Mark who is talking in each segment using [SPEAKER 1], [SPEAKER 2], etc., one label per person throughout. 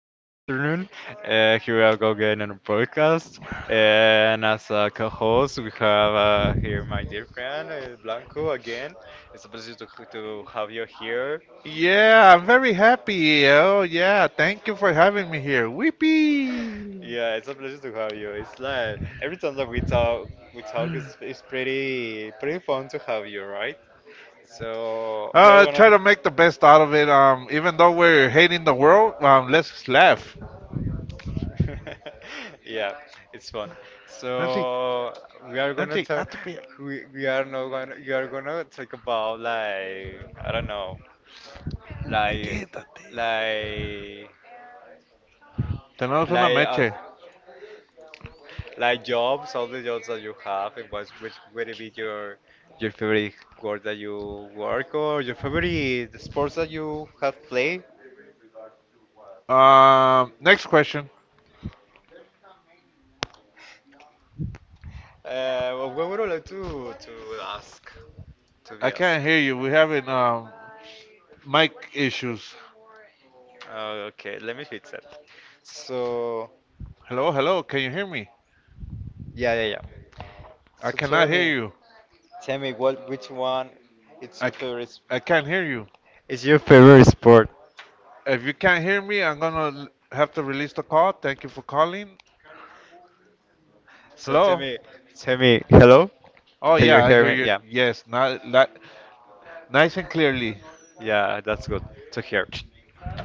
[SPEAKER 1] good afternoon. Here we are go again on a podcast, and as a co-host, we have here my dear friend Blanco again. It's a pleasure to have you here.
[SPEAKER 2] Yeah, I'm very happy. Oh, yeah. Thank you for having me here. Weepee.
[SPEAKER 1] Yeah, it's a pleasure to have you. It's like every time that we talk, is it's pretty fun to have you, right? So we're
[SPEAKER 2] Uh,
[SPEAKER 1] gonna.
[SPEAKER 2] try to make the best out of it. Even though we're hating the world, let's laugh.
[SPEAKER 1] Yeah, it's fun.
[SPEAKER 2] Nancy,
[SPEAKER 1] So we are gonna
[SPEAKER 2] Nancy,
[SPEAKER 1] talk.
[SPEAKER 2] hazte pa'
[SPEAKER 1] We are now gonna. You are gonna talk about like I don't know,
[SPEAKER 2] allá.
[SPEAKER 1] like
[SPEAKER 2] Quédate.
[SPEAKER 1] like
[SPEAKER 2] Tenemos una
[SPEAKER 1] like uh,
[SPEAKER 2] meche.
[SPEAKER 1] like jobs, all the jobs that you have, and what's which would it be your favorite work that you work or your favorite sports that you have played.
[SPEAKER 2] Next question.
[SPEAKER 1] What would you like to ask to be
[SPEAKER 2] I
[SPEAKER 1] asked?
[SPEAKER 2] can't hear you. We're having mic issues.
[SPEAKER 1] Oh, okay, let me fix that. So,
[SPEAKER 2] Hello, hello. Can you hear me?
[SPEAKER 1] yeah, yeah, yeah.
[SPEAKER 2] I
[SPEAKER 1] So tell
[SPEAKER 2] cannot hear
[SPEAKER 1] me,
[SPEAKER 2] you.
[SPEAKER 1] which one is
[SPEAKER 2] I,
[SPEAKER 1] your
[SPEAKER 2] c-
[SPEAKER 1] favorite?
[SPEAKER 2] I can't hear you.
[SPEAKER 1] Is your favorite sport?
[SPEAKER 2] If you can't hear me, I'm gonna have to release the call. Thank you for calling.
[SPEAKER 1] So tell
[SPEAKER 2] Hello?
[SPEAKER 1] me, hello?
[SPEAKER 2] Oh
[SPEAKER 1] Can you
[SPEAKER 2] yeah, I
[SPEAKER 1] hear
[SPEAKER 2] hear
[SPEAKER 1] me?
[SPEAKER 2] you.
[SPEAKER 1] Yeah,
[SPEAKER 2] Yes, not, nice and clearly.
[SPEAKER 1] yeah, that's good to hear.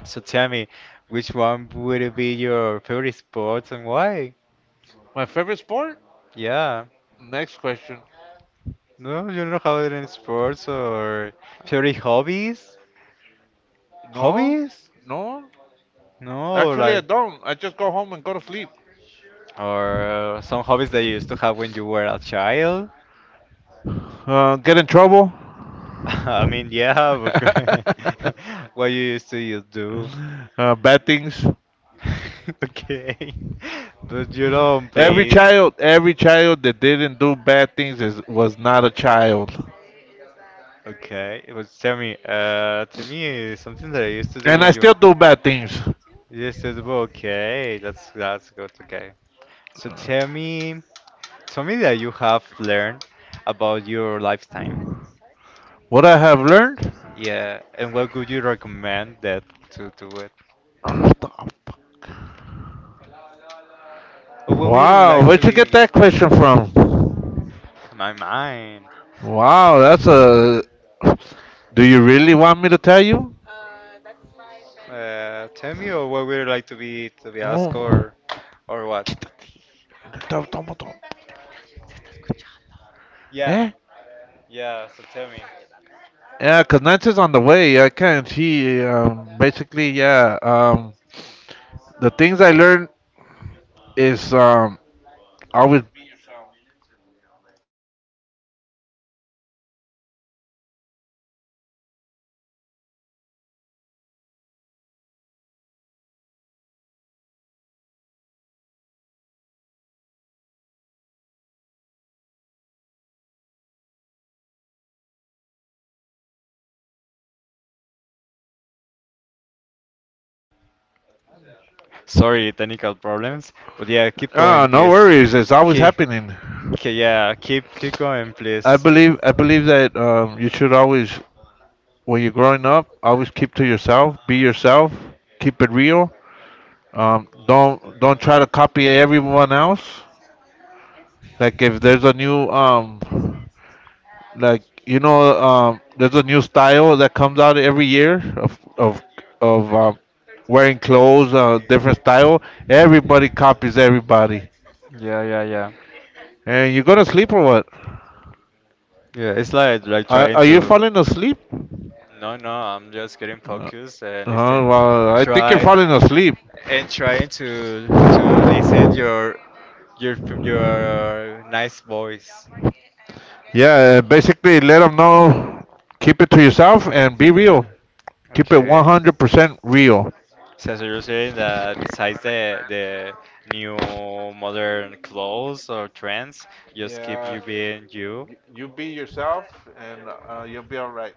[SPEAKER 1] So tell me, which one would it be your favorite sport and why?
[SPEAKER 2] My favorite sport?
[SPEAKER 1] Yeah.
[SPEAKER 2] Next question.
[SPEAKER 1] No, you don't have any sports or favorite hobbies?
[SPEAKER 2] No,
[SPEAKER 1] Hobbies?
[SPEAKER 2] no.
[SPEAKER 1] No,
[SPEAKER 2] Actually, I
[SPEAKER 1] like.
[SPEAKER 2] don't. I just go home and go to sleep.
[SPEAKER 1] Or some hobbies that you used to have when you were a child?
[SPEAKER 2] Get in trouble?
[SPEAKER 1] I mean, yeah, but what you used to you do?
[SPEAKER 2] Bad things.
[SPEAKER 1] Okay. But you don't
[SPEAKER 2] Every
[SPEAKER 1] play.
[SPEAKER 2] child, every child that didn't do bad things is was not a child.
[SPEAKER 1] Okay, but tell me something that I used to do
[SPEAKER 2] And I
[SPEAKER 1] when you
[SPEAKER 2] still do bad things.
[SPEAKER 1] used to do. Okay, that's good. Okay, so tell me something that you have learned about your lifetime.
[SPEAKER 2] What I have learned?
[SPEAKER 1] Yeah, and what would you recommend that to do, or what would you
[SPEAKER 2] Wow,
[SPEAKER 1] like to
[SPEAKER 2] where'd you
[SPEAKER 1] be?
[SPEAKER 2] get
[SPEAKER 1] Yeah.
[SPEAKER 2] that question from?
[SPEAKER 1] My mind.
[SPEAKER 2] Wow, that's a do you really want me to tell you?
[SPEAKER 1] Tell me, or what would you like to be? To be asked,
[SPEAKER 2] Move.
[SPEAKER 1] or what? Yeah,
[SPEAKER 2] Eh?
[SPEAKER 1] yeah. So tell me.
[SPEAKER 2] Yeah, because Nancy's on the way. I can't. She basically, yeah. The things I learned is always.
[SPEAKER 1] Sorry, technical problems. But yeah, keep going,
[SPEAKER 2] Ah, no
[SPEAKER 1] please.
[SPEAKER 2] worries. It's always
[SPEAKER 1] Keep,
[SPEAKER 2] happening.
[SPEAKER 1] yeah, keep going,
[SPEAKER 2] I
[SPEAKER 1] please.
[SPEAKER 2] believe. I believe that you should always, when you're growing up, always keep to yourself. Be yourself. Keep it real. Don't try to copy everyone else. Like if there's a new like there's a new style that comes out every year of of um, wearing clothes different style, everybody copies everybody.
[SPEAKER 1] Yeah, yeah, yeah.
[SPEAKER 2] And you gonna sleep, or what?
[SPEAKER 1] Yeah, it's like
[SPEAKER 2] are,
[SPEAKER 1] trying
[SPEAKER 2] are you
[SPEAKER 1] to.
[SPEAKER 2] falling asleep?
[SPEAKER 1] No, no, I'm just getting
[SPEAKER 2] uh,
[SPEAKER 1] focused and listen.
[SPEAKER 2] well, I think you're
[SPEAKER 1] Try.
[SPEAKER 2] falling asleep.
[SPEAKER 1] And trying to listen your your nice voice.
[SPEAKER 2] Yeah, basically let them know, keep it to yourself and be real, keep it
[SPEAKER 1] Okay.
[SPEAKER 2] 100% real.
[SPEAKER 1] So, you're saying that besides the new modern clothes or trends, just keep
[SPEAKER 2] Yeah,
[SPEAKER 1] you being you.
[SPEAKER 2] you be yourself, and you'll be all right.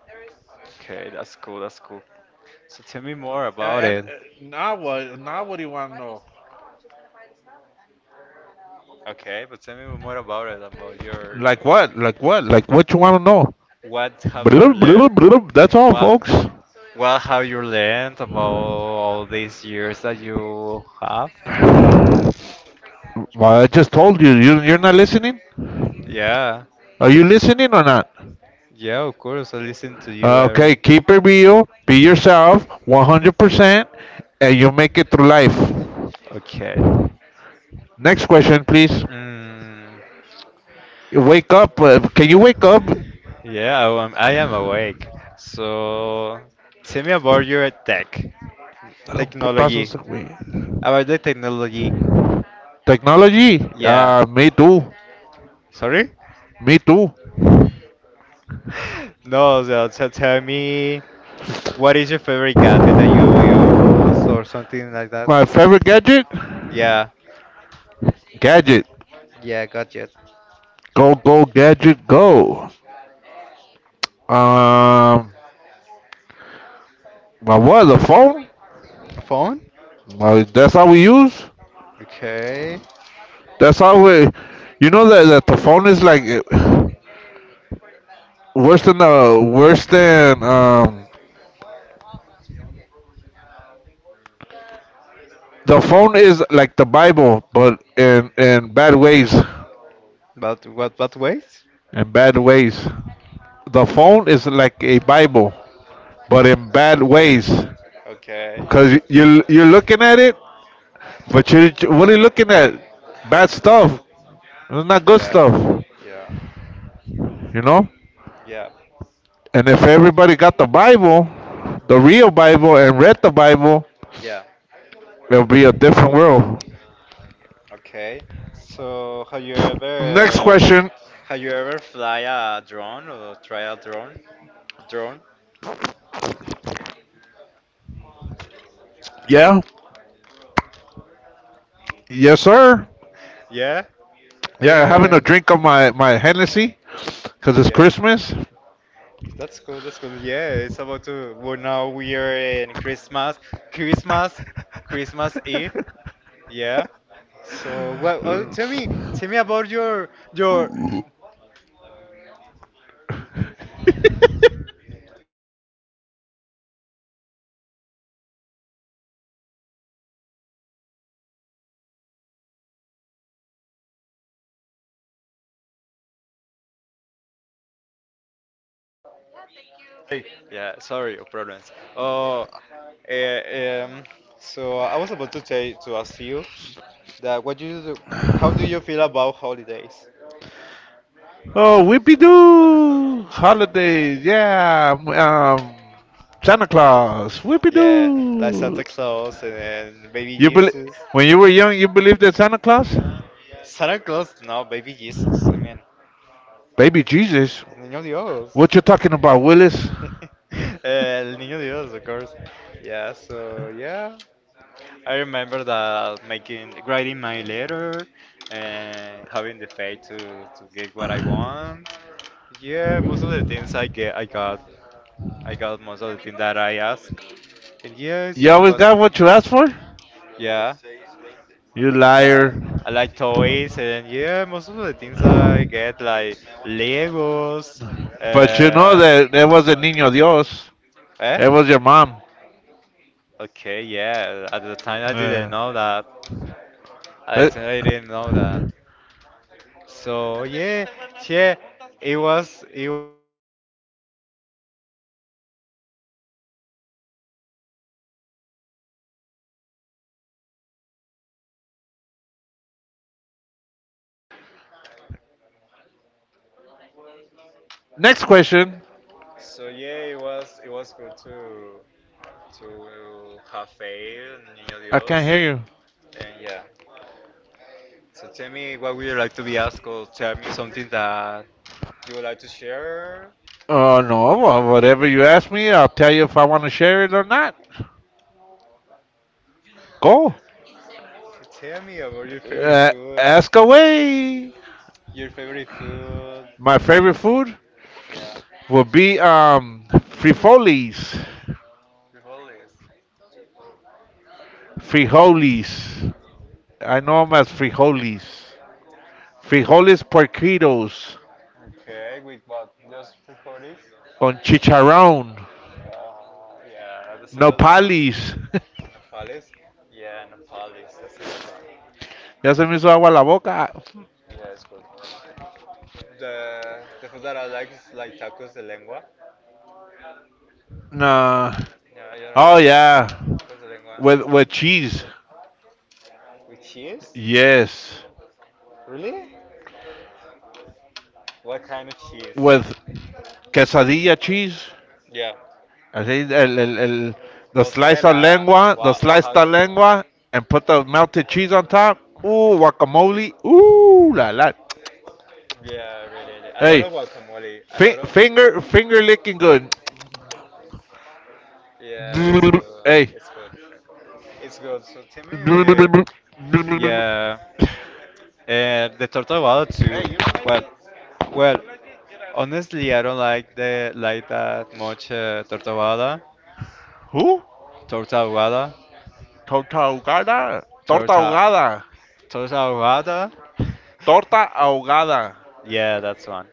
[SPEAKER 1] Okay, that's cool. That's cool. So tell me more about
[SPEAKER 2] and
[SPEAKER 1] it.
[SPEAKER 2] now what do you want to know?
[SPEAKER 1] Okay, but tell me more about it, about your,
[SPEAKER 2] Like what? Like what? Like what you want to know?
[SPEAKER 1] what have you
[SPEAKER 2] Blub,
[SPEAKER 1] learned
[SPEAKER 2] blub, blub. That's all,
[SPEAKER 1] What
[SPEAKER 2] folks.
[SPEAKER 1] what have you learned about all these years that you have?
[SPEAKER 2] Well, I just told you, you're not listening.
[SPEAKER 1] Yeah,
[SPEAKER 2] Are you listening or not?
[SPEAKER 1] yeah, of course. I listen to you
[SPEAKER 2] Okay,
[SPEAKER 1] every.
[SPEAKER 2] keep it real, be yourself, 100%, and you'll make it through life.
[SPEAKER 1] Okay.
[SPEAKER 2] Next question, please.
[SPEAKER 1] Mm,
[SPEAKER 2] Wake up. Can you wake up?
[SPEAKER 1] yeah, I am awake. So tell me about your
[SPEAKER 2] Dale un putazo a
[SPEAKER 1] technology,
[SPEAKER 2] ese güey.
[SPEAKER 1] about the technology.
[SPEAKER 2] Technology.
[SPEAKER 1] Yeah.
[SPEAKER 2] Me too.
[SPEAKER 1] Sorry?
[SPEAKER 2] Me too.
[SPEAKER 1] No, so, tell me what is your favorite gadget that you use or something like that?
[SPEAKER 2] My favorite gadget.
[SPEAKER 1] Yeah.
[SPEAKER 2] Gadget.
[SPEAKER 1] Yeah, got you.
[SPEAKER 2] Go go gadget go. Um, My what? The phone?
[SPEAKER 1] A phone?
[SPEAKER 2] That's how we use.
[SPEAKER 1] Okay.
[SPEAKER 2] That's how we. You know that the phone is like worse than. The phone is like the Bible, but in bad ways.
[SPEAKER 1] But what ways?
[SPEAKER 2] In bad ways. The phone is like a Bible, but in bad ways.
[SPEAKER 1] Okay, yeah.
[SPEAKER 2] 'Cause you're looking at it, but you what are you looking at? Bad stuff. It's not good
[SPEAKER 1] Yeah.
[SPEAKER 2] stuff.
[SPEAKER 1] Yeah.
[SPEAKER 2] You know.
[SPEAKER 1] Yeah.
[SPEAKER 2] And if everybody got the Bible, the real Bible, and read the Bible,
[SPEAKER 1] Yeah.
[SPEAKER 2] it'll be a different world.
[SPEAKER 1] Okay. So
[SPEAKER 2] Next question.
[SPEAKER 1] have you ever fly a drone or try a drone? Drone?
[SPEAKER 2] Yeah. Yes, sir.
[SPEAKER 1] Yeah.
[SPEAKER 2] Yeah, having a
[SPEAKER 1] And
[SPEAKER 2] drink of my Hennessy because it's
[SPEAKER 1] yeah.
[SPEAKER 2] Christmas.
[SPEAKER 1] That's cool. That's cool. Yeah, it's about to. Well, now we are in Christmas. Christmas, Christmas Eve. Yeah. So, well, oh, tell me, about your. Yeah, sorry, no problems. Oh, eh, um. So I was about to tell to ask you that what do you do, how do you feel about holidays?
[SPEAKER 2] Oh, whippy doo! Holidays. Yeah. Santa Claus. Whippy
[SPEAKER 1] Yeah, like
[SPEAKER 2] doo!
[SPEAKER 1] Santa Claus and Baby
[SPEAKER 2] You believe
[SPEAKER 1] Jesus.
[SPEAKER 2] When you were young, you believed in Santa Claus?
[SPEAKER 1] Santa Claus, no, Baby Jesus. I mean,
[SPEAKER 2] Baby Jesus.
[SPEAKER 1] Niño Dios.
[SPEAKER 2] What you talking about, Willis?
[SPEAKER 1] El Niño Dios, of course. Yeah, so yeah. I remember that writing my letter and having the faith to get what I want. Yeah, most of the things I get, I got most of the things that I asked. And yes,
[SPEAKER 2] You
[SPEAKER 1] it
[SPEAKER 2] always
[SPEAKER 1] was,
[SPEAKER 2] got what you asked for?
[SPEAKER 1] yeah.
[SPEAKER 2] You
[SPEAKER 1] Like,
[SPEAKER 2] liar.
[SPEAKER 1] I like toys and yeah, most of the things I get like Legos.
[SPEAKER 2] But you know
[SPEAKER 1] Uh,
[SPEAKER 2] that that was the Niño Dios.
[SPEAKER 1] eh?
[SPEAKER 2] It was your mom.
[SPEAKER 1] Okay, yeah. At the time, I didn't
[SPEAKER 2] Uh,
[SPEAKER 1] know that. At the I
[SPEAKER 2] but
[SPEAKER 1] actually didn't know that. So yeah, yeah. It was. It,
[SPEAKER 2] next question.
[SPEAKER 1] it was. It was good to have faith, Niño
[SPEAKER 2] I can't
[SPEAKER 1] Dios,
[SPEAKER 2] hear you.
[SPEAKER 1] and yeah. So tell me what would you like to be asked, or tell me something that you would like to share.
[SPEAKER 2] Oh, no. Well, whatever you ask me, I'll tell you if I want to share it or not. Go.
[SPEAKER 1] Tell me about your favorite
[SPEAKER 2] Uh,
[SPEAKER 1] food.
[SPEAKER 2] ask away.
[SPEAKER 1] Your favorite food.
[SPEAKER 2] My favorite food
[SPEAKER 1] Yeah.
[SPEAKER 2] would be frijoles.
[SPEAKER 1] Frijoles.
[SPEAKER 2] Frijoles. I know them as frijoles. Frijoles porquitos.
[SPEAKER 1] Okay, with what? Just frijoles?
[SPEAKER 2] Con chicharrón,
[SPEAKER 1] Uh, yeah, that's a good one.
[SPEAKER 2] nopales.
[SPEAKER 1] Nepalese. Yeah, Nepalis, that's a good one.
[SPEAKER 2] Ya se me hizo agua la boca.
[SPEAKER 1] Yeah, it's good. The food that I like is like tacos de lengua.
[SPEAKER 2] Nah.
[SPEAKER 1] Yeah, you don't
[SPEAKER 2] Oh
[SPEAKER 1] like
[SPEAKER 2] yeah,
[SPEAKER 1] tacos de lengua.
[SPEAKER 2] with cheese.
[SPEAKER 1] With cheese?
[SPEAKER 2] Yes,
[SPEAKER 1] Really? What kind of cheese?
[SPEAKER 2] with quesadilla cheese.
[SPEAKER 1] Yeah.
[SPEAKER 2] Así el
[SPEAKER 1] Mozzarella.
[SPEAKER 2] the sliced of
[SPEAKER 1] Oaxaca.
[SPEAKER 2] lengua, and put the melted cheese on top. Ooh, guacamole. Ooh, la la.
[SPEAKER 1] Yeah, really. Really. A lot
[SPEAKER 2] Hey,
[SPEAKER 1] of guacamole. A lot of.
[SPEAKER 2] finger licking good.
[SPEAKER 1] Yeah,
[SPEAKER 2] Hey.
[SPEAKER 1] it's good. It's good. So tell me. Yeah. And the turtle well too. Well, well, Honestly, I don't like the like that much torta ahogada,
[SPEAKER 2] Who?
[SPEAKER 1] torta ahogada,
[SPEAKER 2] Torta ahogada. Torta
[SPEAKER 1] torta,
[SPEAKER 2] ahogada.
[SPEAKER 1] torta ahogada.
[SPEAKER 2] Torta ahogada.
[SPEAKER 1] Yeah, that's one.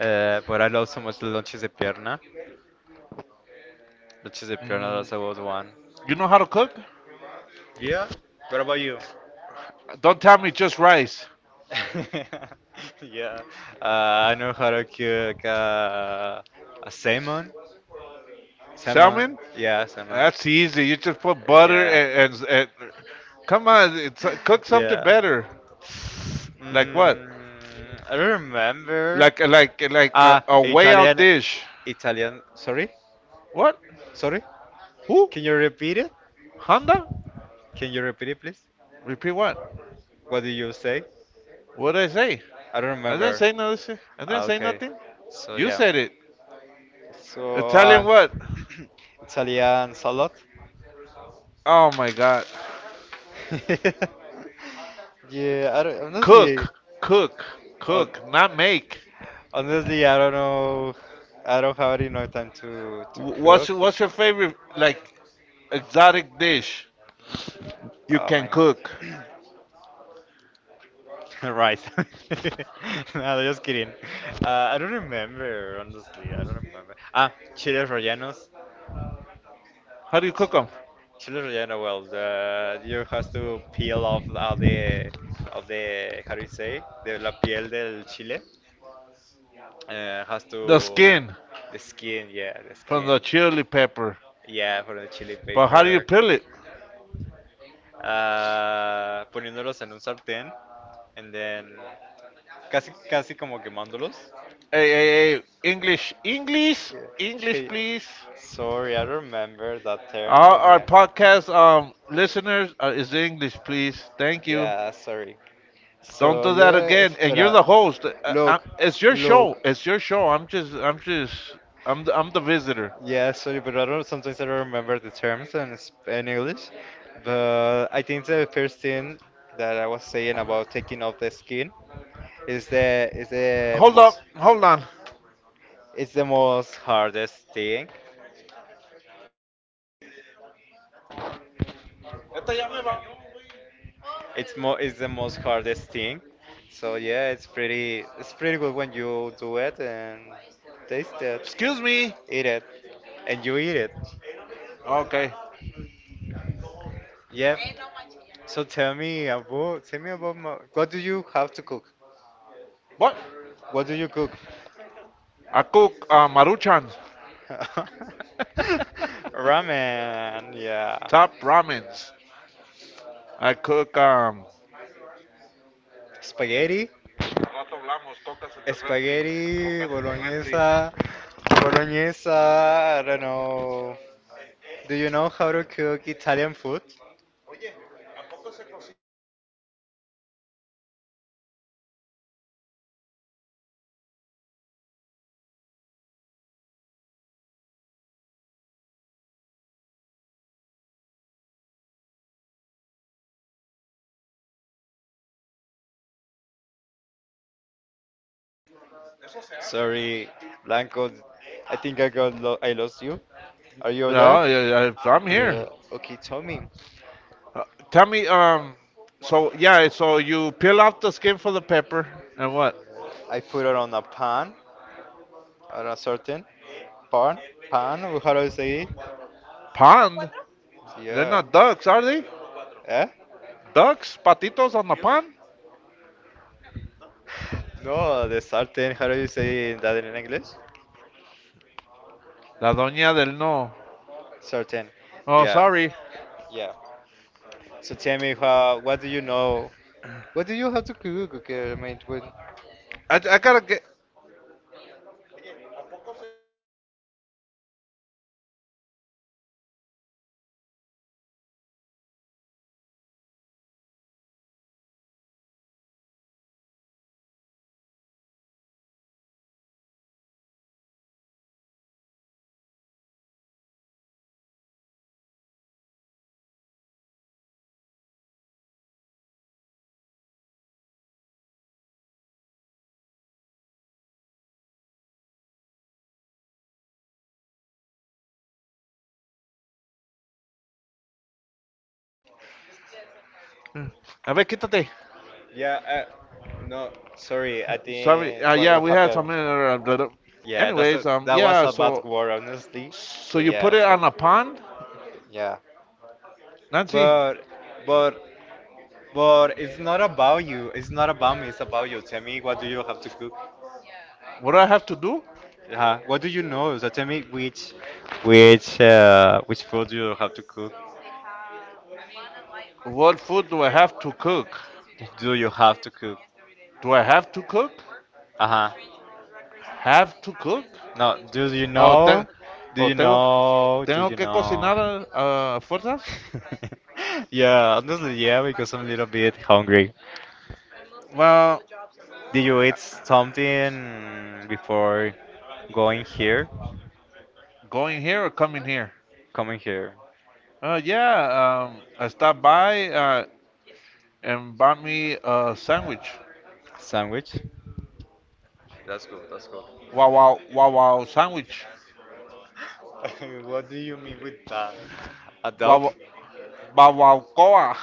[SPEAKER 1] But I love so much the lunches de pierna. Lunches de pierna, that's
[SPEAKER 2] Mm,
[SPEAKER 1] about one.
[SPEAKER 2] you know how to cook?
[SPEAKER 1] Yeah. What about you?
[SPEAKER 2] Don't tell me just rice.
[SPEAKER 1] Yeah. I know how to cook a salmon. Salmon.
[SPEAKER 2] Salmon?
[SPEAKER 1] Yeah, salmon.
[SPEAKER 2] That's easy. You just put butter
[SPEAKER 1] Yeah.
[SPEAKER 2] and, come on, cook something
[SPEAKER 1] Yeah.
[SPEAKER 2] better. Like what?
[SPEAKER 1] I remember.
[SPEAKER 2] Like a way out
[SPEAKER 1] Italian.
[SPEAKER 2] dish.
[SPEAKER 1] Italian. Sorry?
[SPEAKER 2] What?
[SPEAKER 1] Sorry?
[SPEAKER 2] Who?
[SPEAKER 1] Can you repeat it?
[SPEAKER 2] Honda?
[SPEAKER 1] Can you repeat it, please?
[SPEAKER 2] Repeat what?
[SPEAKER 1] What did you say?
[SPEAKER 2] What did I say?
[SPEAKER 1] I don't
[SPEAKER 2] I didn't
[SPEAKER 1] remember.
[SPEAKER 2] say nothing. I didn't say
[SPEAKER 1] Okay.
[SPEAKER 2] nothing.
[SPEAKER 1] So,
[SPEAKER 2] You
[SPEAKER 1] yeah.
[SPEAKER 2] said it.
[SPEAKER 1] So,
[SPEAKER 2] Italian
[SPEAKER 1] uh,
[SPEAKER 2] what?
[SPEAKER 1] Italian salad?
[SPEAKER 2] Oh my God.
[SPEAKER 1] Yeah, I don't, honestly.
[SPEAKER 2] Cook, cook,
[SPEAKER 1] Hon-
[SPEAKER 2] cook, not make.
[SPEAKER 1] Honestly, I don't know. I don't have enough time to
[SPEAKER 2] What's
[SPEAKER 1] cook.
[SPEAKER 2] what's your favorite like exotic dish you
[SPEAKER 1] Oh
[SPEAKER 2] can
[SPEAKER 1] my.
[SPEAKER 2] cook?
[SPEAKER 1] Right. No, just kidding. I don't remember, honestly. I don't remember. Chiles rellenos.
[SPEAKER 2] How do you cook them?
[SPEAKER 1] Chiles relleno. Well, you have to peel off all the, how do you say, the la piel del chile. Has
[SPEAKER 2] The
[SPEAKER 1] to
[SPEAKER 2] skin
[SPEAKER 1] The skin, yeah, the
[SPEAKER 2] from
[SPEAKER 1] skin,
[SPEAKER 2] the chili pepper.
[SPEAKER 1] yeah, for the chili
[SPEAKER 2] But how do you
[SPEAKER 1] paper,
[SPEAKER 2] peel it?
[SPEAKER 1] poniéndolos en un sartén, and then casi como quemándolos.
[SPEAKER 2] Hey, hey, hey, English, English,
[SPEAKER 1] Yeah.
[SPEAKER 2] English,
[SPEAKER 1] Okay.
[SPEAKER 2] please.
[SPEAKER 1] Sorry, I don't remember that term,
[SPEAKER 2] Our,
[SPEAKER 1] but
[SPEAKER 2] our
[SPEAKER 1] yeah.
[SPEAKER 2] podcast listeners is English, please. Thank you.
[SPEAKER 1] Yeah, sorry.
[SPEAKER 2] Don't
[SPEAKER 1] So
[SPEAKER 2] do that
[SPEAKER 1] yeah,
[SPEAKER 2] again. And you're
[SPEAKER 1] espera.
[SPEAKER 2] the host.
[SPEAKER 1] Look,
[SPEAKER 2] It's your
[SPEAKER 1] look.
[SPEAKER 2] show. It's your show. I'm the visitor.
[SPEAKER 1] Yeah, sorry, but I don't. Sometimes I don't remember the terms in English. But I think the first thing that I was saying about taking off the skin is the
[SPEAKER 2] Hold up,
[SPEAKER 1] most
[SPEAKER 2] hold on.
[SPEAKER 1] it's the most hardest thing.
[SPEAKER 2] Esta ya me va-
[SPEAKER 1] It's the most hardest thing. So yeah, it's pretty good when you do it and taste it,
[SPEAKER 2] Excuse me.
[SPEAKER 1] eat it, you eat it.
[SPEAKER 2] Okay.
[SPEAKER 1] Yeah. So tell me about what do you have to cook?
[SPEAKER 2] What?
[SPEAKER 1] What do you cook?
[SPEAKER 2] I cook maruchans,
[SPEAKER 1] Ramen, yeah.
[SPEAKER 2] top ramens. I cook.
[SPEAKER 1] Spaghetti?
[SPEAKER 2] Al rato hablamos, cocas en el refri,
[SPEAKER 1] Spaghetti,
[SPEAKER 2] cocas en el refri.
[SPEAKER 1] bolognese, I don't know. Do you know how to cook Italian food? Sorry, Blanco, I think I got lo I lost you. Are you there?
[SPEAKER 2] No, yeah, yeah, I'm
[SPEAKER 1] Are you
[SPEAKER 2] here.
[SPEAKER 1] there? Okay, tell me.
[SPEAKER 2] Uh, tell me, so yeah, so you peel off the skin for the pepper, and what?
[SPEAKER 1] I put it on a pan, on a certain pan, pan, how do I say it?
[SPEAKER 2] Pond? They're
[SPEAKER 1] Yeah.
[SPEAKER 2] not ducks, are they?
[SPEAKER 1] Eh?
[SPEAKER 2] Ducks, patitos on the pond.
[SPEAKER 1] No, the sartén. How do you say that in English?
[SPEAKER 2] La doña del no.
[SPEAKER 1] Sartén.
[SPEAKER 2] Oh,
[SPEAKER 1] Yeah,
[SPEAKER 2] sorry.
[SPEAKER 1] yeah. So tell me, how? What do you know? What do you have to cook? Okay, I mean, when...
[SPEAKER 2] I gotta get. A ver, quítate.
[SPEAKER 1] Yeah. No, sorry. I
[SPEAKER 2] Sorry.
[SPEAKER 1] think
[SPEAKER 2] Uh,
[SPEAKER 1] what
[SPEAKER 2] yeah,
[SPEAKER 1] what
[SPEAKER 2] we had some.
[SPEAKER 1] happened?
[SPEAKER 2] Blah, blah.
[SPEAKER 1] Yeah,
[SPEAKER 2] Anyways,
[SPEAKER 1] that was
[SPEAKER 2] yeah.
[SPEAKER 1] a bad
[SPEAKER 2] So,
[SPEAKER 1] word, honestly.
[SPEAKER 2] so
[SPEAKER 1] But
[SPEAKER 2] you put
[SPEAKER 1] yeah,
[SPEAKER 2] it
[SPEAKER 1] sorry.
[SPEAKER 2] on a pond,
[SPEAKER 1] Yeah,
[SPEAKER 2] Nancy.
[SPEAKER 1] but but but it's not about you. It's not about me. It's about you. Tell me, what do you have to cook?
[SPEAKER 2] What do I have to do?
[SPEAKER 1] What do you know? So tell me which food you have to cook.
[SPEAKER 2] What food do I have to cook?
[SPEAKER 1] Do you have to cook?
[SPEAKER 2] Do I have to cook?
[SPEAKER 1] Uh huh.
[SPEAKER 2] Have to cook?
[SPEAKER 1] No. Do you
[SPEAKER 2] Oh,
[SPEAKER 1] know? Do
[SPEAKER 2] oh,
[SPEAKER 1] you
[SPEAKER 2] tengo,
[SPEAKER 1] know? Do
[SPEAKER 2] tengo
[SPEAKER 1] you
[SPEAKER 2] que
[SPEAKER 1] know?
[SPEAKER 2] cocinar fuerzas.
[SPEAKER 1] Yeah, honestly, yeah, because I'm a little bit hungry.
[SPEAKER 2] Well,
[SPEAKER 1] Did you eat something before? Going here,
[SPEAKER 2] going here or coming here?
[SPEAKER 1] coming here.
[SPEAKER 2] Yeah. I stopped by and bought me a sandwich.
[SPEAKER 1] Sandwich. That's good. That's good.
[SPEAKER 2] Wow, wow, wow, wow, sandwich.
[SPEAKER 1] What do you mean with that? A dog?
[SPEAKER 2] Wow, wow, wow, wow,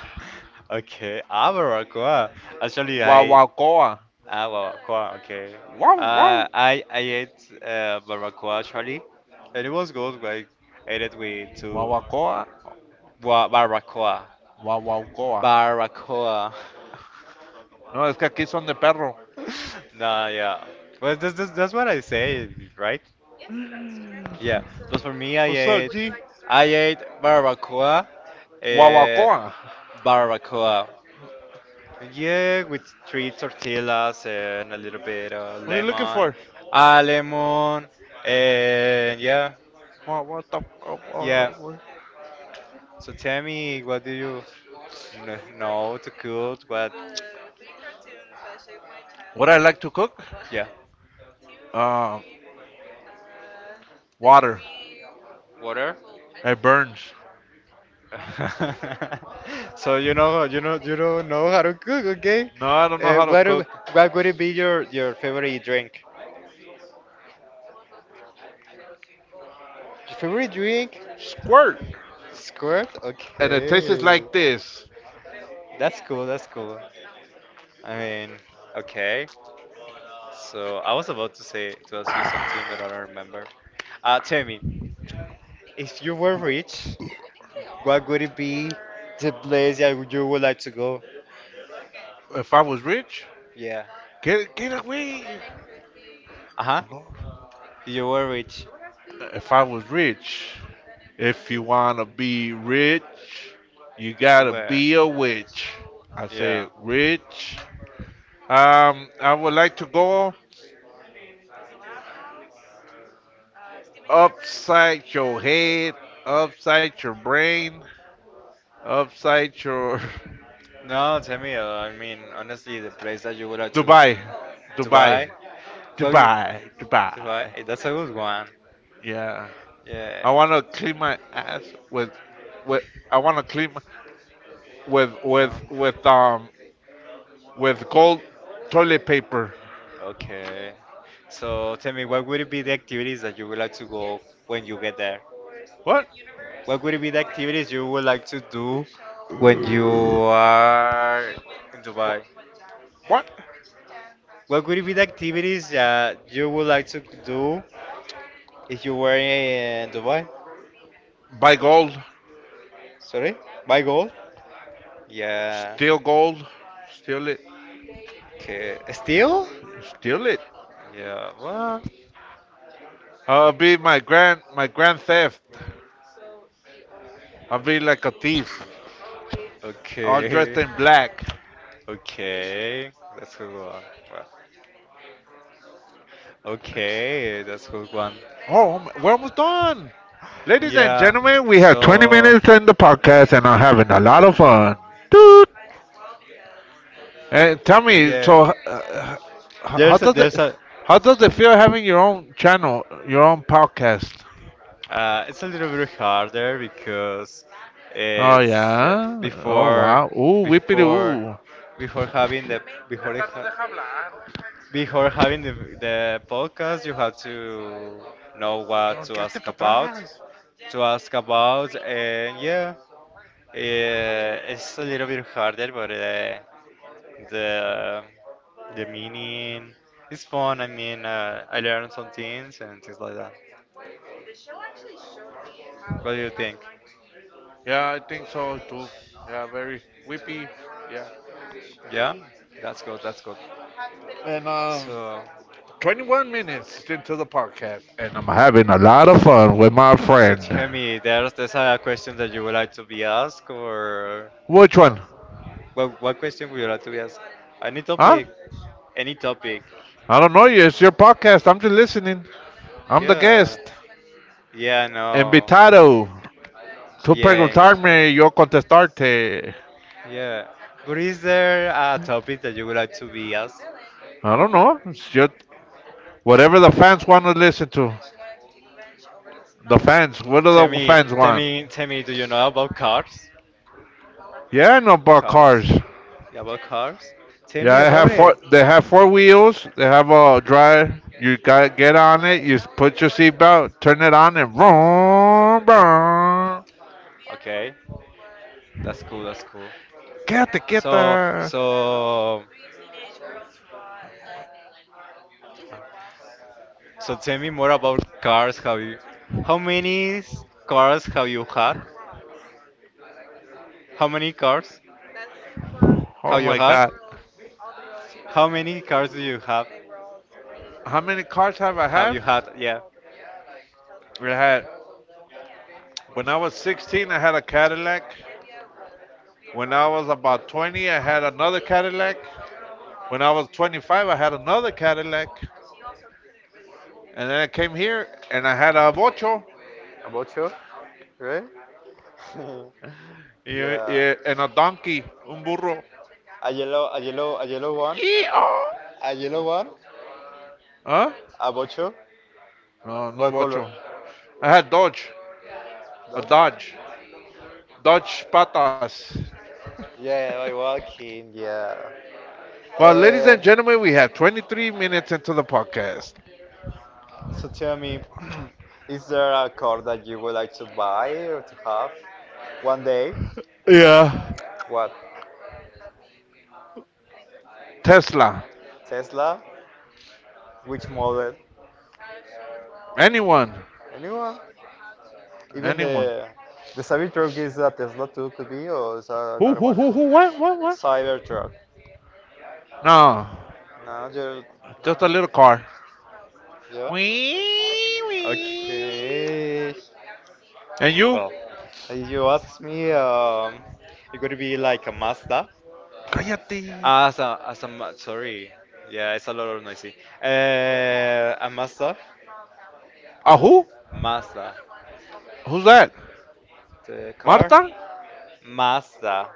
[SPEAKER 1] Okay, Abaraqua. Actually, I.
[SPEAKER 2] Guaguacoa.
[SPEAKER 1] Abaraqua, okay.
[SPEAKER 2] Guau, guau.
[SPEAKER 1] I ate barbacoa actually, and it was good. Like, I ate it with two.
[SPEAKER 2] Guaguacoa.
[SPEAKER 1] Barbacoa.
[SPEAKER 2] Guaguacoa.
[SPEAKER 1] Barbacoa.
[SPEAKER 2] No, es que aquí son de perro.
[SPEAKER 1] Nah, yeah. Well, that's what I say, right? Yeah, but for me,
[SPEAKER 2] What's up, G?
[SPEAKER 1] I ate barbacoa, uh,
[SPEAKER 2] Guaguacoa.
[SPEAKER 1] barbacoa. Yeah, with three tortillas and a little bit of
[SPEAKER 2] What are you looking
[SPEAKER 1] lemon,
[SPEAKER 2] for?
[SPEAKER 1] lemon, and yeah,
[SPEAKER 2] What, oh,
[SPEAKER 1] yeah.
[SPEAKER 2] oh, oh.
[SPEAKER 1] So tell me, what do you know to cook? What?
[SPEAKER 2] What I like to cook?
[SPEAKER 1] Yeah.
[SPEAKER 2] Uh, water.
[SPEAKER 1] Water.
[SPEAKER 2] It burns.
[SPEAKER 1] So you know you don't know how to cook, okay?
[SPEAKER 2] No, I don't know
[SPEAKER 1] Uh,
[SPEAKER 2] how to
[SPEAKER 1] what do-
[SPEAKER 2] cook.
[SPEAKER 1] what would it be your favorite drink? Your favorite drink?
[SPEAKER 2] Squirt.
[SPEAKER 1] Squirt?
[SPEAKER 2] And it tastes
[SPEAKER 1] Okay.
[SPEAKER 2] like this.
[SPEAKER 1] That's cool. That's cool. I mean, okay. So I was about to say to ask you something, but I don't remember. Tell me, if you were rich, what would it be the place that you would like to go?
[SPEAKER 2] If I was rich,
[SPEAKER 1] Yeah.
[SPEAKER 2] get away.
[SPEAKER 1] Uh huh.
[SPEAKER 2] No.
[SPEAKER 1] You were rich.
[SPEAKER 2] If I was rich, if you wanna be rich, you gotta
[SPEAKER 1] Where?
[SPEAKER 2] be a witch. I
[SPEAKER 1] Yeah.
[SPEAKER 2] said rich. I would like to go upside your head, upside your brain, upside your.
[SPEAKER 1] No, tell me. I mean, honestly, the place that you would like to go.
[SPEAKER 2] Dubai, Dubai,
[SPEAKER 1] Dubai. Go. you-
[SPEAKER 2] Dubai,
[SPEAKER 1] Dubai.
[SPEAKER 2] Dubai.
[SPEAKER 1] That's a good one.
[SPEAKER 2] Yeah,
[SPEAKER 1] Yeah.
[SPEAKER 2] I wanna clean my ass with I wanna clean my, with with
[SPEAKER 1] No.
[SPEAKER 2] with um with gold toilet paper.
[SPEAKER 1] Okay. So tell me, what would be the activities that you would like to go when you get there?
[SPEAKER 2] What?
[SPEAKER 1] What would be the activities you would like to do when you are in Dubai?
[SPEAKER 2] What?
[SPEAKER 1] What would be the activities that you would like to do if you were in Dubai?
[SPEAKER 2] Buy
[SPEAKER 1] Sorry? By goal? Yeah.
[SPEAKER 2] gold, steal it,
[SPEAKER 1] Okay. Still?
[SPEAKER 2] steal it.
[SPEAKER 1] Yeah. Well.
[SPEAKER 2] I'll be my grand theft. I'll be like a thief, all dressed
[SPEAKER 1] Okay.
[SPEAKER 2] in black.
[SPEAKER 1] Okay. That's a good one. Well, okay, that's a good one.
[SPEAKER 2] Oh, we're almost done, ladies and
[SPEAKER 1] Yeah.
[SPEAKER 2] gentlemen. We have 20
[SPEAKER 1] So
[SPEAKER 2] minutes in the podcast, and I'm having a lot of fun. Toot. And tell me,
[SPEAKER 1] yeah,
[SPEAKER 2] so how
[SPEAKER 1] there's a,
[SPEAKER 2] does
[SPEAKER 1] there's
[SPEAKER 2] it,
[SPEAKER 1] a
[SPEAKER 2] how does it feel having your own channel, your own podcast?
[SPEAKER 1] uh, it's a little bit harder because
[SPEAKER 2] Oh
[SPEAKER 1] it's yeah
[SPEAKER 2] yeah. Oh
[SPEAKER 1] before
[SPEAKER 2] wow. Ooh, whippity
[SPEAKER 1] before
[SPEAKER 2] ooh.
[SPEAKER 1] before having the before it ha- before having the podcast you have to know what
[SPEAKER 2] Nos
[SPEAKER 1] to
[SPEAKER 2] quedaste
[SPEAKER 1] ask
[SPEAKER 2] para
[SPEAKER 1] about
[SPEAKER 2] atrás.
[SPEAKER 1] to ask about and yeah, it's a little bit harder, but the the meaning is fun. I mean, I learned some things and things like that. What do you think?
[SPEAKER 2] Yeah, I think so too. Yeah, very whippy. Yeah.
[SPEAKER 1] Yeah, that's good. That's good.
[SPEAKER 2] And
[SPEAKER 1] So,
[SPEAKER 2] 21 minutes into the podcast, and I'm having a lot of fun with my
[SPEAKER 1] so
[SPEAKER 2] friend.
[SPEAKER 1] tell me, there's a question that you would like to be asked, or?
[SPEAKER 2] Which one?
[SPEAKER 1] What question would you like to be asked? Any
[SPEAKER 2] Huh?
[SPEAKER 1] topic? Any topic?
[SPEAKER 2] I don't know you. It's your podcast. I'm just listening. I'm the
[SPEAKER 1] Yeah.
[SPEAKER 2] guest.
[SPEAKER 1] Yeah, no.
[SPEAKER 2] Invitado. Tú
[SPEAKER 1] Yeah, in Victoria.
[SPEAKER 2] preguntarme, yo contestarte.
[SPEAKER 1] Yeah. But is there a topic that you would like to be asked?
[SPEAKER 2] I don't know. It's just whatever the fans want to listen to. The fans. What do
[SPEAKER 1] Tell
[SPEAKER 2] the
[SPEAKER 1] me,
[SPEAKER 2] fans
[SPEAKER 1] tell
[SPEAKER 2] want?
[SPEAKER 1] me, tell me, do you know about cars?
[SPEAKER 2] Yeah, I know about cars.
[SPEAKER 1] Cars. Yeah, about cars? Tell me
[SPEAKER 2] Yeah, they
[SPEAKER 1] about
[SPEAKER 2] have four.
[SPEAKER 1] it.
[SPEAKER 2] They have four wheels. They have a drive. You got get on it. Put your seatbelt, turn it on, and vroom, vroom.
[SPEAKER 1] Okay, that's cool. That's cool.
[SPEAKER 2] Get
[SPEAKER 1] So,
[SPEAKER 2] the.
[SPEAKER 1] so, so tell me more about cars. Have you, how many s- cars have you had? How many cars
[SPEAKER 2] Oh
[SPEAKER 1] have you
[SPEAKER 2] my
[SPEAKER 1] had?
[SPEAKER 2] God!
[SPEAKER 1] How many cars do you have?
[SPEAKER 2] How many cars
[SPEAKER 1] Have
[SPEAKER 2] have?
[SPEAKER 1] you had? Yeah.
[SPEAKER 2] I had When I was 16, I had a Cadillac. When I was about 20, I had another Cadillac. When I was 25, I had another Cadillac. And then I came here and I had a bocho
[SPEAKER 1] About you, right? yeah.
[SPEAKER 2] and a donkey, un burro.
[SPEAKER 1] A yellow one,
[SPEAKER 2] Yee-haw.
[SPEAKER 1] a yellow one,
[SPEAKER 2] Huh?
[SPEAKER 1] a bocho.
[SPEAKER 2] No, no
[SPEAKER 1] What color?
[SPEAKER 2] bocho. I had Dodge, a
[SPEAKER 1] Those?
[SPEAKER 2] Dodge, Dodge Patas.
[SPEAKER 1] Yeah, by walking. Yeah.
[SPEAKER 2] Well, ladies
[SPEAKER 1] Uh,
[SPEAKER 2] and gentlemen, we have 23 minutes into the podcast.
[SPEAKER 1] so tell me, is there a car that you would like to buy or to have one day?
[SPEAKER 2] Yeah.
[SPEAKER 1] What?
[SPEAKER 2] Tesla.
[SPEAKER 1] Tesla? Which model?
[SPEAKER 2] Anyone.
[SPEAKER 1] Anyone? Even
[SPEAKER 2] Anyone.
[SPEAKER 1] the the Cybertruck is a Tesla too, could be, or is another one?
[SPEAKER 2] Who, what, what?
[SPEAKER 1] Cybertruck.
[SPEAKER 2] No,
[SPEAKER 1] No, you no.
[SPEAKER 2] just a little car.
[SPEAKER 1] Yeah.
[SPEAKER 2] Wee, wee.
[SPEAKER 1] Okay.
[SPEAKER 2] And you?
[SPEAKER 1] Well, you asked me, it could be like a Mazda.
[SPEAKER 2] Cállate.
[SPEAKER 1] Sorry. Yeah, it's a lot of noisy. A Mazda?
[SPEAKER 2] Ah, who?
[SPEAKER 1] Mazda.
[SPEAKER 2] Who's that?
[SPEAKER 1] The car?
[SPEAKER 2] Marta?
[SPEAKER 1] Mazda.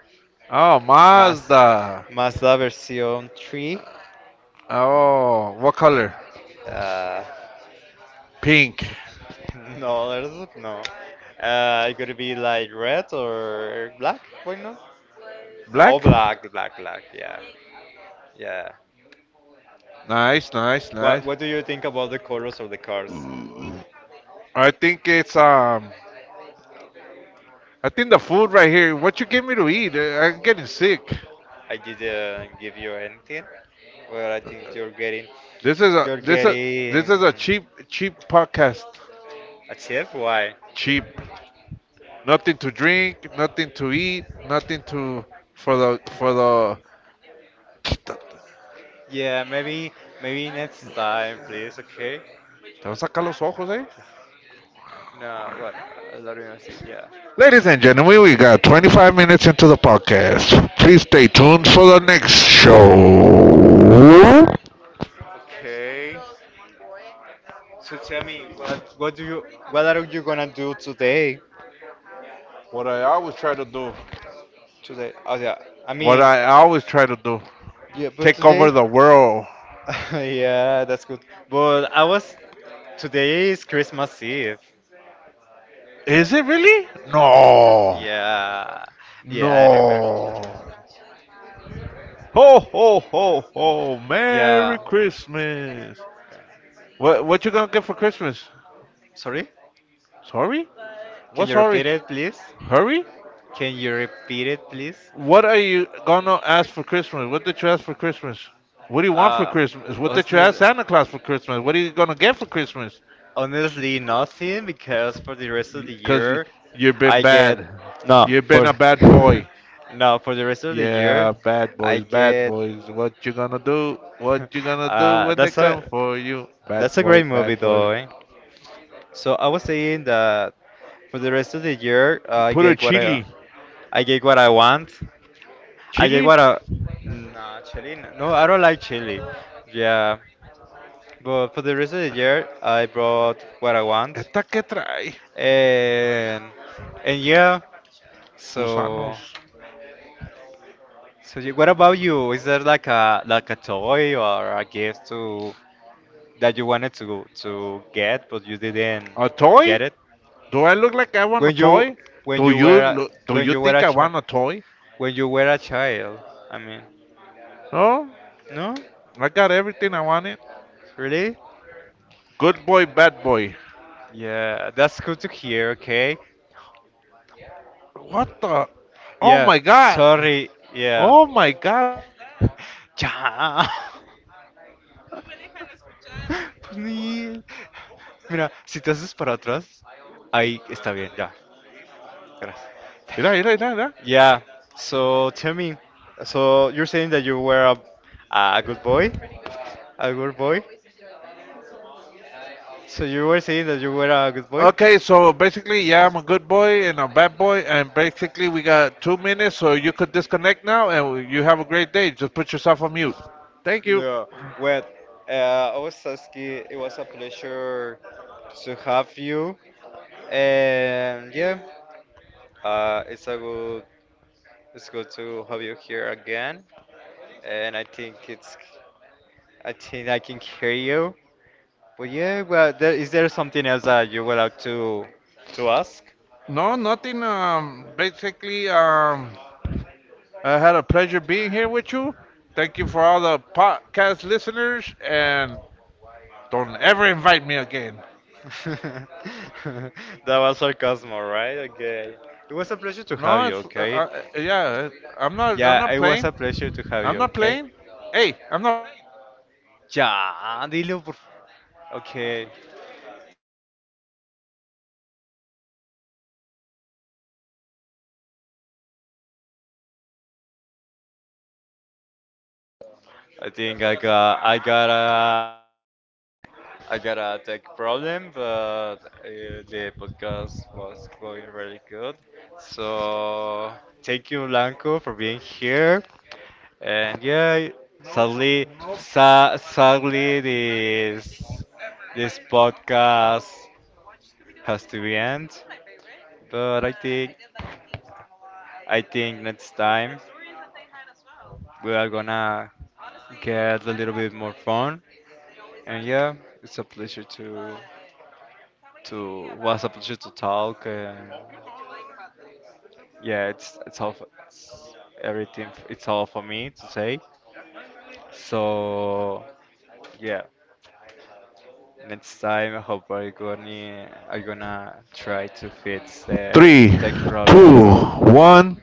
[SPEAKER 2] Oh,
[SPEAKER 1] Maz,
[SPEAKER 2] Mazda.
[SPEAKER 1] Mazda version 3.
[SPEAKER 2] Oh, what color?
[SPEAKER 1] Uh,
[SPEAKER 2] Pink.
[SPEAKER 1] no, there's no. It could be like red or black, why not? Oh,
[SPEAKER 2] Black?
[SPEAKER 1] black, black, black, yeah. Yeah.
[SPEAKER 2] Nice, nice,
[SPEAKER 1] What
[SPEAKER 2] nice.
[SPEAKER 1] What do you think about the colors of the cars?
[SPEAKER 2] I think it's. I think the food right here. What you give me to eat? I'm getting sick.
[SPEAKER 1] I didn't give you anything. Well, I think
[SPEAKER 2] This is a
[SPEAKER 1] you're
[SPEAKER 2] this a
[SPEAKER 1] getting
[SPEAKER 2] this is a cheap podcast.
[SPEAKER 1] a tip. Why?
[SPEAKER 2] Cheap. Nothing to drink. Nothing to eat. Nothing to for the for the. Te
[SPEAKER 1] Yeah, maybe next time, please. Okay.
[SPEAKER 2] vas a sacar los ojos, eh?
[SPEAKER 1] No, what? A lot of see. Yeah.
[SPEAKER 2] Ladies and gentlemen, we got 25 minutes into the podcast. Please stay tuned for the next show.
[SPEAKER 1] Okay. So tell me, what are you gonna do today?
[SPEAKER 2] What I always try to do.
[SPEAKER 1] Today, oh yeah, I
[SPEAKER 2] What
[SPEAKER 1] mean,
[SPEAKER 2] I always try to do.
[SPEAKER 1] yeah, but
[SPEAKER 2] Take over
[SPEAKER 1] today,
[SPEAKER 2] the world.
[SPEAKER 1] yeah, that's good. But I was, today is Christmas Eve.
[SPEAKER 2] Is it really? No.
[SPEAKER 1] Yeah, yeah, I remember.
[SPEAKER 2] No. Ho ho ho ho. Merry
[SPEAKER 1] Yeah.
[SPEAKER 2] Christmas. What you gonna get for Christmas?
[SPEAKER 1] Sorry?
[SPEAKER 2] Sorry?
[SPEAKER 1] Can
[SPEAKER 2] What
[SPEAKER 1] you
[SPEAKER 2] sorry?
[SPEAKER 1] repeat it, please?
[SPEAKER 2] Hurry?
[SPEAKER 1] Can you repeat it, please?
[SPEAKER 2] What are you gonna ask for Christmas? What did you ask for Christmas? What do you want for
[SPEAKER 1] Uh,
[SPEAKER 2] Christmas? What did
[SPEAKER 1] wasn't
[SPEAKER 2] you ask
[SPEAKER 1] it?
[SPEAKER 2] Santa Claus for Christmas? What are you gonna get for Christmas?
[SPEAKER 1] Honestly, nothing because for the rest of the
[SPEAKER 2] 'Cause
[SPEAKER 1] year,
[SPEAKER 2] you have been
[SPEAKER 1] I get
[SPEAKER 2] bad.
[SPEAKER 1] no
[SPEAKER 2] You've been
[SPEAKER 1] for
[SPEAKER 2] a bad boy.
[SPEAKER 1] no for the rest of the year,
[SPEAKER 2] Yeah, bad
[SPEAKER 1] I
[SPEAKER 2] boys, bad
[SPEAKER 1] get
[SPEAKER 2] boys. What you gonna do? What you gonna do when they
[SPEAKER 1] that's a
[SPEAKER 2] come for you? Bad boy,
[SPEAKER 1] great movie
[SPEAKER 2] bad
[SPEAKER 1] though.
[SPEAKER 2] boy.
[SPEAKER 1] Eh? So I was saying that for the rest of the year,
[SPEAKER 2] Put a chili.
[SPEAKER 1] I get what I want. I get
[SPEAKER 2] ¿Chili?
[SPEAKER 1] what I no chili no I don't like chili. Yeah, but for the rest of the year, I brought what I want
[SPEAKER 2] ¿Esta qué trae?
[SPEAKER 1] and. And yeah, So,
[SPEAKER 2] Gusanos.
[SPEAKER 1] so you, what about you? Is there like a toy or a gift to that you wanted to get but you didn't
[SPEAKER 2] ¿A toy?
[SPEAKER 1] get it
[SPEAKER 2] Do I look like I want a
[SPEAKER 1] when you
[SPEAKER 2] toy?
[SPEAKER 1] when you were a-
[SPEAKER 2] Do
[SPEAKER 1] when
[SPEAKER 2] you
[SPEAKER 1] you were
[SPEAKER 2] think
[SPEAKER 1] a
[SPEAKER 2] I
[SPEAKER 1] child
[SPEAKER 2] want a toy?
[SPEAKER 1] when you were a child? I mean,
[SPEAKER 2] No,
[SPEAKER 1] no,
[SPEAKER 2] I got everything I wanted.
[SPEAKER 1] really?
[SPEAKER 2] Good boy, bad boy.
[SPEAKER 1] Yeah, that's good to hear. Okay.
[SPEAKER 2] What the? Oh
[SPEAKER 1] Yeah.
[SPEAKER 2] my god.
[SPEAKER 1] Sorry. Yeah.
[SPEAKER 2] Oh my god.
[SPEAKER 1] Ya. Pues, Neil. Mira, si te haces para atrás, ahí está bien, ya. Gracias. Thank
[SPEAKER 2] Mira, mira,
[SPEAKER 1] you.
[SPEAKER 2] mira, mira.
[SPEAKER 1] Yeah. So tell me, so you're saying that a good boy? A good boy? So you were saying that you were a good boy?
[SPEAKER 2] Okay, so basically, yeah, I'm a good boy and a bad boy, and basically, we got 2 minutes, so you could disconnect now, and you have a great day. Just put yourself on mute. Thank you.
[SPEAKER 1] No, well, I was asking, it was a pleasure to have you, and yeah, uh, it's a good, it's good to have you here again, and I think I can hear you, but yeah, well, there, is there something else that you would like to ask?
[SPEAKER 2] No, nothing. Basically, I had a pleasure being here with you. Thank you for all the podcast listeners, and don't ever invite me again.
[SPEAKER 1] That was sarcasm, all right? Okay. It was a pleasure to have
[SPEAKER 2] No,
[SPEAKER 1] you, okay?
[SPEAKER 2] yeah, I'm not. I'm
[SPEAKER 1] Yeah,
[SPEAKER 2] not
[SPEAKER 1] it was
[SPEAKER 2] playing.
[SPEAKER 1] a pleasure to have
[SPEAKER 2] I'm
[SPEAKER 1] you,
[SPEAKER 2] not
[SPEAKER 1] okay?
[SPEAKER 2] playing. Hey, I'm not.
[SPEAKER 1] Ya, dilo por Okay. I think I got a tech problem, but the podcast was going really good. So thank you, Blanco, for being here. And yeah, sadly, sadly, this podcast has to be end. But I think next time we are gonna get a little bit more fun. And yeah, it's a pleasure to to talk. And yeah, it's everything. It's all for me to say. So yeah, next time I hope I'm gonna try to fix the
[SPEAKER 2] Three,
[SPEAKER 1] tech problem
[SPEAKER 2] two, one,